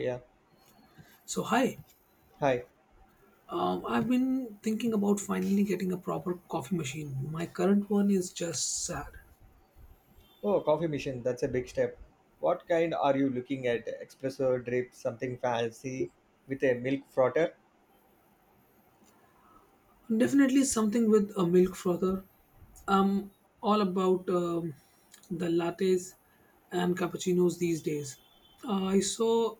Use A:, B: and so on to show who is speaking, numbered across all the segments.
A: Yeah.
B: So, hi.
A: Hi.
B: I've been thinking about finally getting a proper coffee machine. My current one is just sad.
A: Oh, coffee machine. That's a big step. What kind are you looking at? Espresso drip, something fancy with a milk frotter?
B: Definitely something with a milk frother. I'm all about the lattes and cappuccinos these days. I saw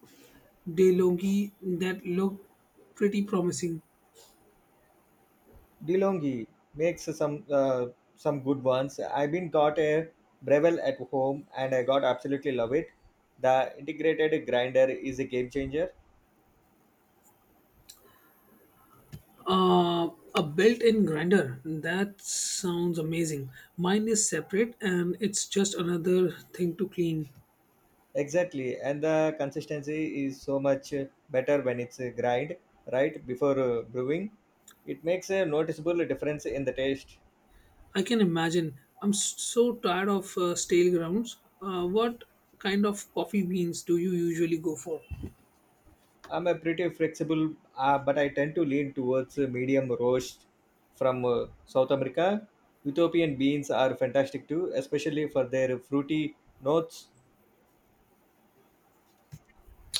B: DeLonghi that looked pretty promising.
A: DeLonghi makes some good ones. I've been got a Breville at home and I got absolutely love it. The integrated grinder is a game changer.
B: A built-in grinder. That sounds amazing. Mine is separate and it's just another thing to clean.
A: Exactly, and the consistency is so much better when it's a grind right before brewing. It makes a noticeable difference in the taste.
B: I can imagine. I'm so tired of stale grounds. What kind of coffee beans do you usually go for?
A: I'm a pretty flexible, but I tend to lean towards medium roast from South America. Ethiopian beans are fantastic too, especially for their fruity notes.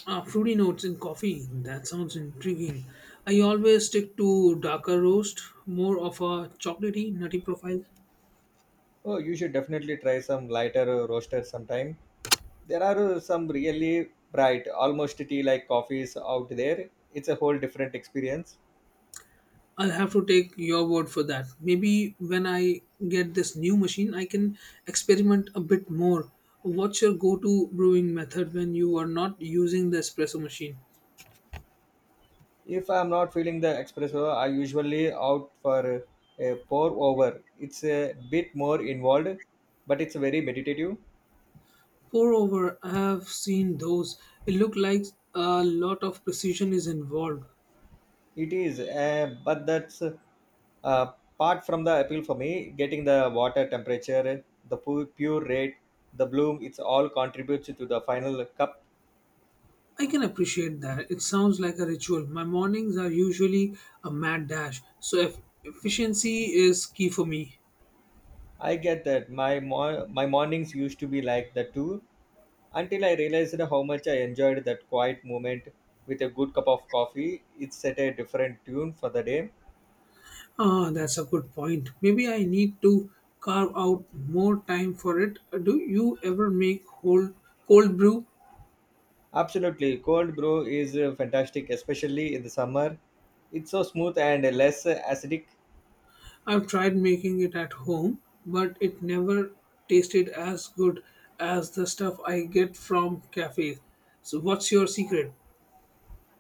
B: Fruity notes in coffee. That sounds intriguing. I always stick to darker roast, more of a chocolatey, nutty profile.
A: Oh, you should definitely try some lighter roasters sometime. There are some really bright, almost tea-like coffees out there. It's a whole different experience.
B: I'll have to take your word for that. Maybe when I get this new machine, I can experiment a bit more. What's your go to brewing method when you are not using the espresso machine?
A: If I'm not feeling the espresso, I usually out for a pour over. It's a bit more involved, but it's very meditative.
B: Moreover, I have seen those. It looked like a lot of precision is involved.
A: It is, but that's apart from the appeal for me. Getting the water temperature, the pure rate, the bloom, it's all contributes to the final cup.
B: I can appreciate that. It sounds like a ritual. My mornings are usually a mad dash, so efficiency is key for me.
A: I get that. My mornings used to be like that too, until I realized how much I enjoyed that quiet moment with a good cup of coffee. It set a different tune for the day.
B: Ah, that's a good point. Maybe I need to carve out more time for it. Do you ever make whole cold brew?
A: Absolutely, cold brew is fantastic, especially in the summer. It's so smooth and less acidic.
B: I've tried making it at home, but it never tasted as good as the stuff I get from cafes. So, what's your secret?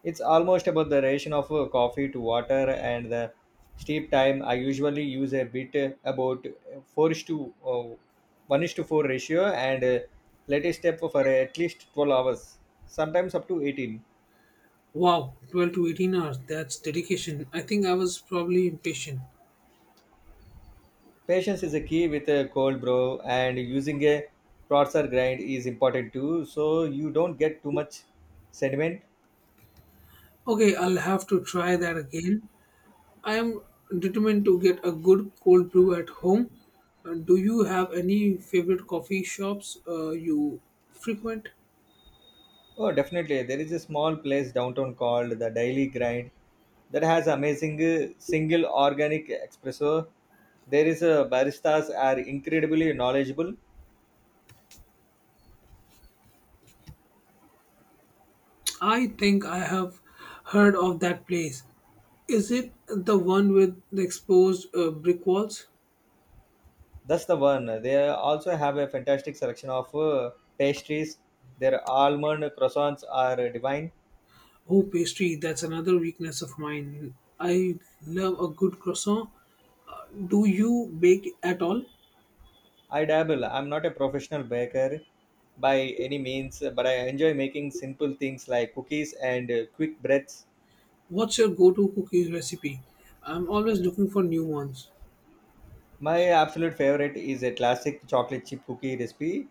A: It's almost about the ration of coffee to water and the steep time. I usually use a bit about 4 is to 1 is to 4 ratio and let it step for at least 12 hours, sometimes up to 18.
B: Wow, 12 to 18 hours. That's dedication. I think I was probably impatient.
A: Patience is a key with a cold brew, and using a processor grind is important too, so you don't get too much sediment.
B: Okay, I'll have to try that again. I am determined to get a good cold brew at home. Do you have any favorite coffee shops you frequent?
A: Oh, definitely. There is a small place downtown called the Daily Grind that has amazing single organic espresso. There is a baristas are incredibly knowledgeable.
B: I think I have heard of that place. Is it the one with the exposed brick walls?
A: That's the one. They also have a fantastic selection of pastries. Their almond croissants are divine.
B: Oh, pastry, that's another weakness of mine. I love a good croissant. Do you bake at all?
A: I dabble. I'm not a professional baker by any means, but I enjoy making simple things like cookies and quick breads.
B: What's your go to cookies recipe? I'm always looking for new ones.
A: My absolute favorite is a classic chocolate chip cookie recipe.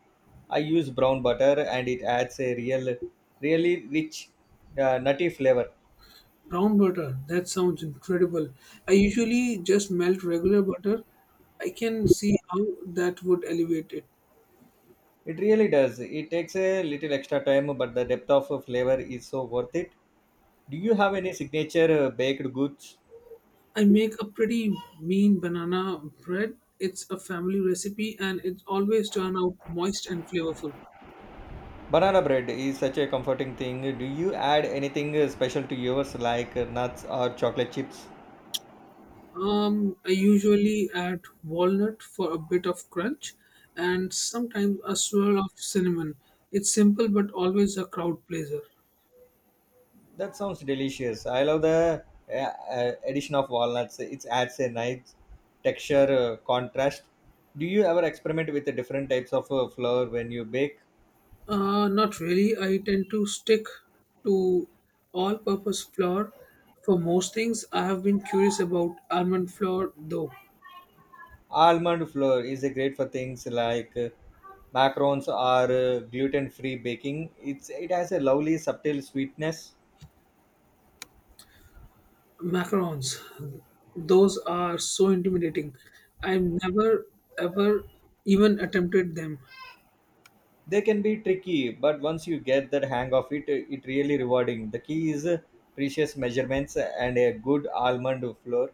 A: I use brown butter and it adds a really rich, nutty flavor.
B: Brown butter, that sounds incredible. I usually just melt regular butter. I can see how that would elevate it.
A: It really does. It takes a little extra time, but the depth of flavor is so worth it. Do you have any signature baked goods?
B: I make a pretty mean banana bread. It's a family recipe and it always turn out moist and flavorful.
A: Banana bread is such a comforting thing. Do you add anything special to yours, like nuts or chocolate chips?
B: I usually add walnut for a bit of crunch and sometimes a swirl of cinnamon. It's simple but always a crowd pleaser.
A: That sounds delicious. I love the addition of walnuts. It adds a nice texture contrast. Do you ever experiment with the different types of flour when you bake?
B: Not really. I tend to stick to all purpose flour for most things. I have been curious about almond flour though.
A: Almond flour is great for things like macarons or gluten-free baking. It has a lovely subtle sweetness.
B: Macarons, those are so intimidating. I've never ever even attempted them.
A: They can be tricky, but once you get the hang of it, it really rewarding. The key is precious measurements and a good almond flour.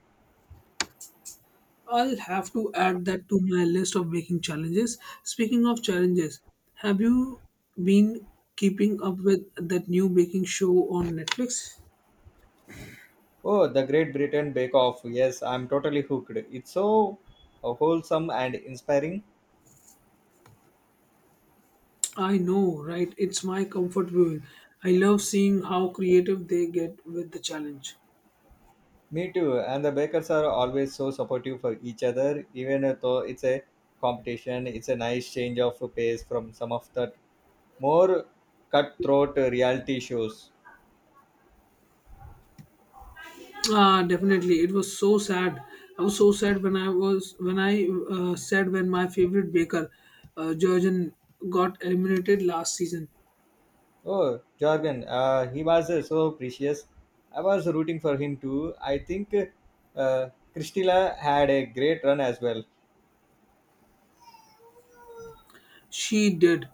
B: I'll have to add that to my list of baking challenges. Speaking of challenges, have you been keeping up with that new baking show on Netflix?
A: Oh, the Great Britain Bake Off. Yes, I'm totally hooked. It's so wholesome and inspiring.
B: I know, right? It's my comfort viewing. I love seeing how creative they get with the challenge.
A: Me too. And the bakers are always so supportive for each other, even though it's a competition. It's a nice change of pace from some of the more cutthroat reality shows.
B: Ah, definitely. It was so sad. I was so sad when I was when I said when my favorite baker, Georgian, got eliminated last season.
A: Oh, Jorgen, he was so precious. I was rooting for him too. I think uh, Christina had a great run as well.
B: She did.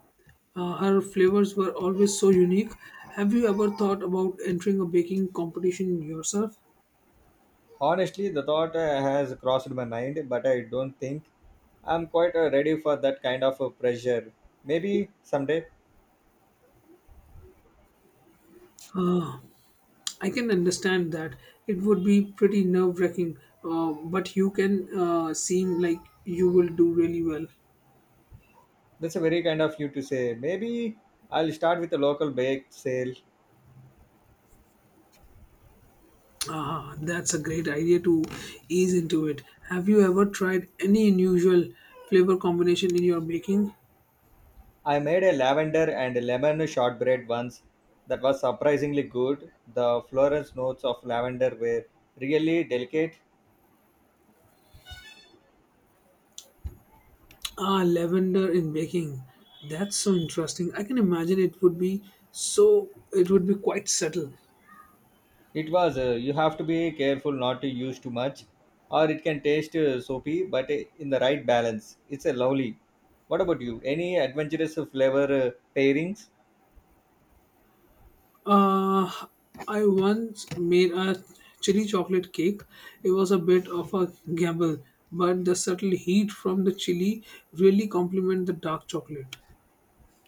B: Her flavors were always so unique. Have you ever thought about entering a baking competition yourself?
A: Honestly, the thought has crossed my mind, but I don't think I'm quite ready for that kind of pressure. Maybe someday.
B: I can understand that it would be pretty nerve wracking, but you can seem like you will do really well.
A: That's a very kind of you to say. Maybe I'll start with a local bake sale.
B: Ah, that's a great idea to ease into it. Have you ever tried any unusual flavor combination in your baking?
A: I made a lavender and lemon shortbread once that was surprisingly good. The Florence notes of lavender were really delicate.
B: Ah, lavender in baking. That's so interesting. I can imagine it would be quite subtle.
A: It was. You have to be careful not to use too much, or it can taste soapy, but in the right balance, it's a lovely. What about you? Any adventurous flavor pairings?
B: Uh, I once made a chili chocolate cake. It was a bit of a gamble, but the subtle heat from the chili really complement the dark chocolate.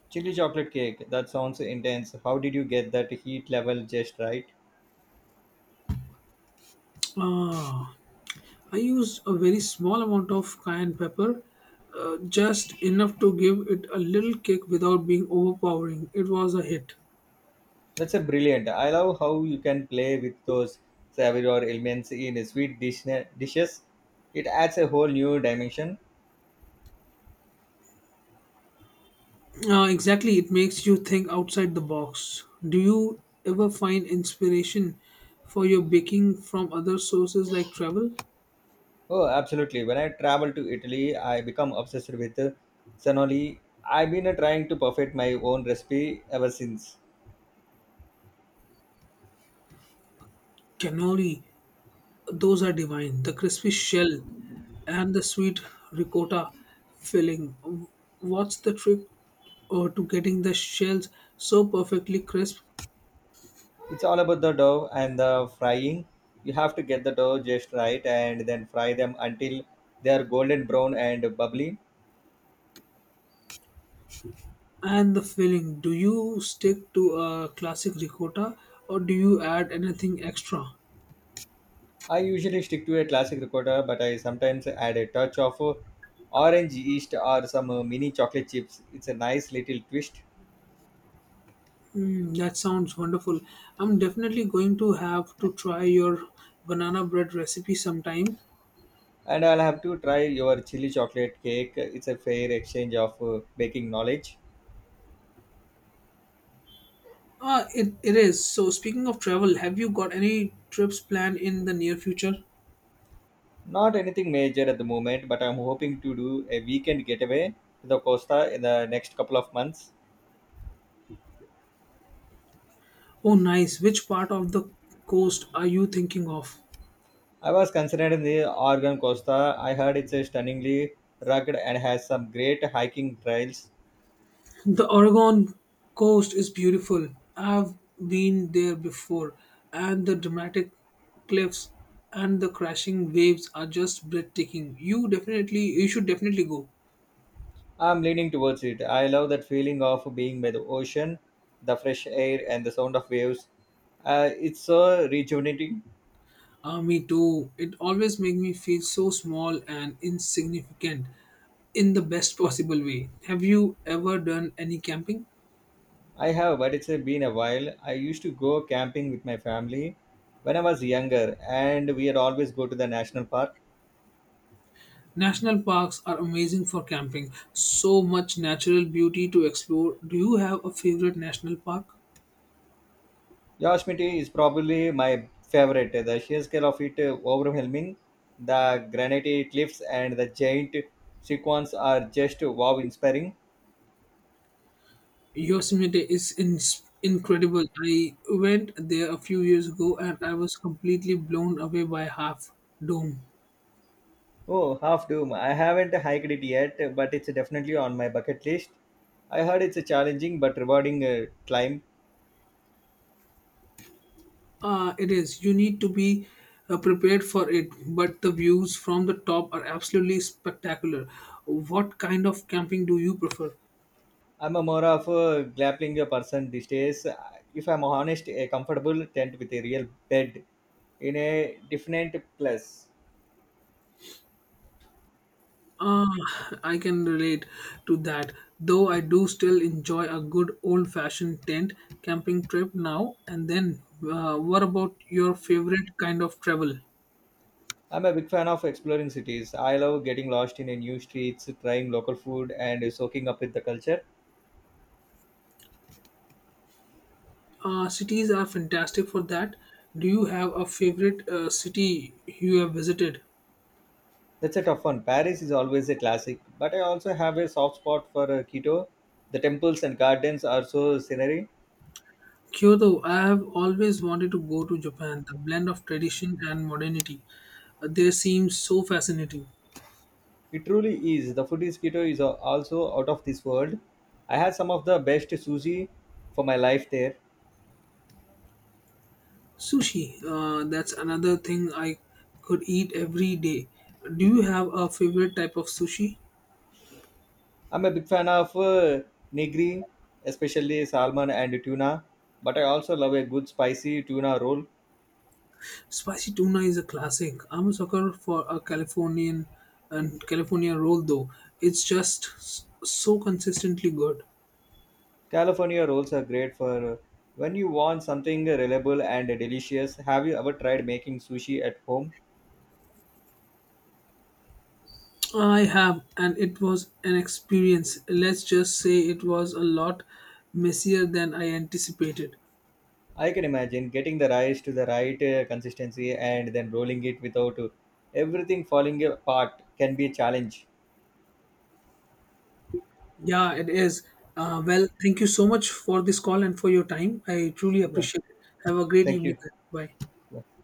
A: Chili chocolate cake. That sounds intense. How did you get that heat level just right?
B: Ah, I used a very small amount of cayenne pepper, just enough to give it a little kick without being overpowering. It was a hit.
A: That's a brilliant. I love how you can play with those savour elements in a sweet dishes. It adds a whole new dimension.
B: Exactly, it makes you think outside the box. Do you ever find inspiration for your baking from other sources like travel?
A: Oh, absolutely. When I travel to Italy, I become obsessed with cannoli. I've been trying to perfect my own recipe ever since.
B: Cannoli, those are divine. The crispy shell and the sweet ricotta filling. What's the trick or to getting the shells so perfectly crisp.
A: It's all about the dough and the frying. You have to get the dough just right and then fry them until they are golden brown and bubbly.
B: And the filling, do you stick to a classic ricotta or do you add anything extra?
A: I usually stick to a classic ricotta, but I sometimes add a touch of orange yeast or some mini chocolate chips. It's a nice little twist.
B: That sounds wonderful. I'm definitely going to have to try your banana bread recipe sometime.
A: And I'll have to try your chili chocolate cake. It's a fair exchange of baking knowledge.
B: Ah, it is. So, speaking of travel, have you got any trips planned in the near future?
A: Not anything major at the moment, but I'm hoping to do a weekend getaway to the Costa in the next couple of months.
B: Oh, nice. Which part of the coast are you thinking of?
A: I was considering the Oregon Costa. I heard it's a stunningly rugged and has some great hiking trails.
B: The Oregon coast is beautiful. I've been there before, and the dramatic cliffs and the crashing waves are just breathtaking. You should definitely go.
A: I'm leaning towards it. I love that feeling of being by the ocean, the fresh air, and the sound of waves. It's so rejuvenating.
B: Ah, me too. It always makes me feel so small and insignificant in the best possible way. Have you ever done any camping?
A: I have, but it's been a while. I used to go camping with my family when I was younger, and we would always go to the national park.
B: National parks are amazing for camping. So much natural beauty to explore. Do you have a favorite national park?
A: Yosemite is probably my favorite. The sheer scale of it overwhelming, the granite cliffs and the giant sequence are just wow inspiring.
B: Yosemite is ins incredible. I went there a few years ago and I was completely blown away by Half Dome.
A: Oh, half doom. I haven't hiked it yet, but it's definitely on my bucket list. I heard it's a challenging but rewarding climb.
B: It is. You need to be prepared for it, but the views from the top are absolutely spectacular. What kind of camping do you prefer?
A: I'm a more of a glamping person these days. If I'm honest, a comfortable tent with a real bed in a different place.
B: Ah, I can relate to that. Though I do still enjoy a good old-fashioned tent camping trip now and then. What about your favorite kind of travel?
A: I'm a big fan of exploring cities. I love getting lost in a new streets, trying local food, and soaking up with the culture.
B: Cities are fantastic for that. Do you have a favorite city you have visited?
A: That's a tough one. Paris is always a classic, but I also have a soft spot for Quito. The temples and gardens are so scenery.
B: Kyoto. I have always wanted to go to Japan. The blend of tradition and modernity there seems so fascinating.
A: It truly is. The food in Quito is also out of this world. I had some of the best sushi for my life there.
B: Sushi. That's another thing I could eat every day. Do you have a favorite type of sushi?
A: I'm a big fan of nigiri, especially salmon and tuna, but I also love a good spicy tuna roll.
B: Spicy tuna is a classic. I'm a sucker for a California roll though. It's just so consistently good.
A: California rolls are great for when you want something reliable and delicious. Have you ever tried making sushi at home?
B: I have, and it was an experience. Let's just say it was a lot messier than I anticipated.
A: I can imagine getting the rice to the right consistency and then rolling it without everything falling apart can be a challenge.
B: Yeah, it is. Well, thank you so much for this call and for your time. I truly
A: Yeah,
B: appreciate it. Have a great
A: thank
B: evening.
A: you.
B: Bye.
A: Yeah.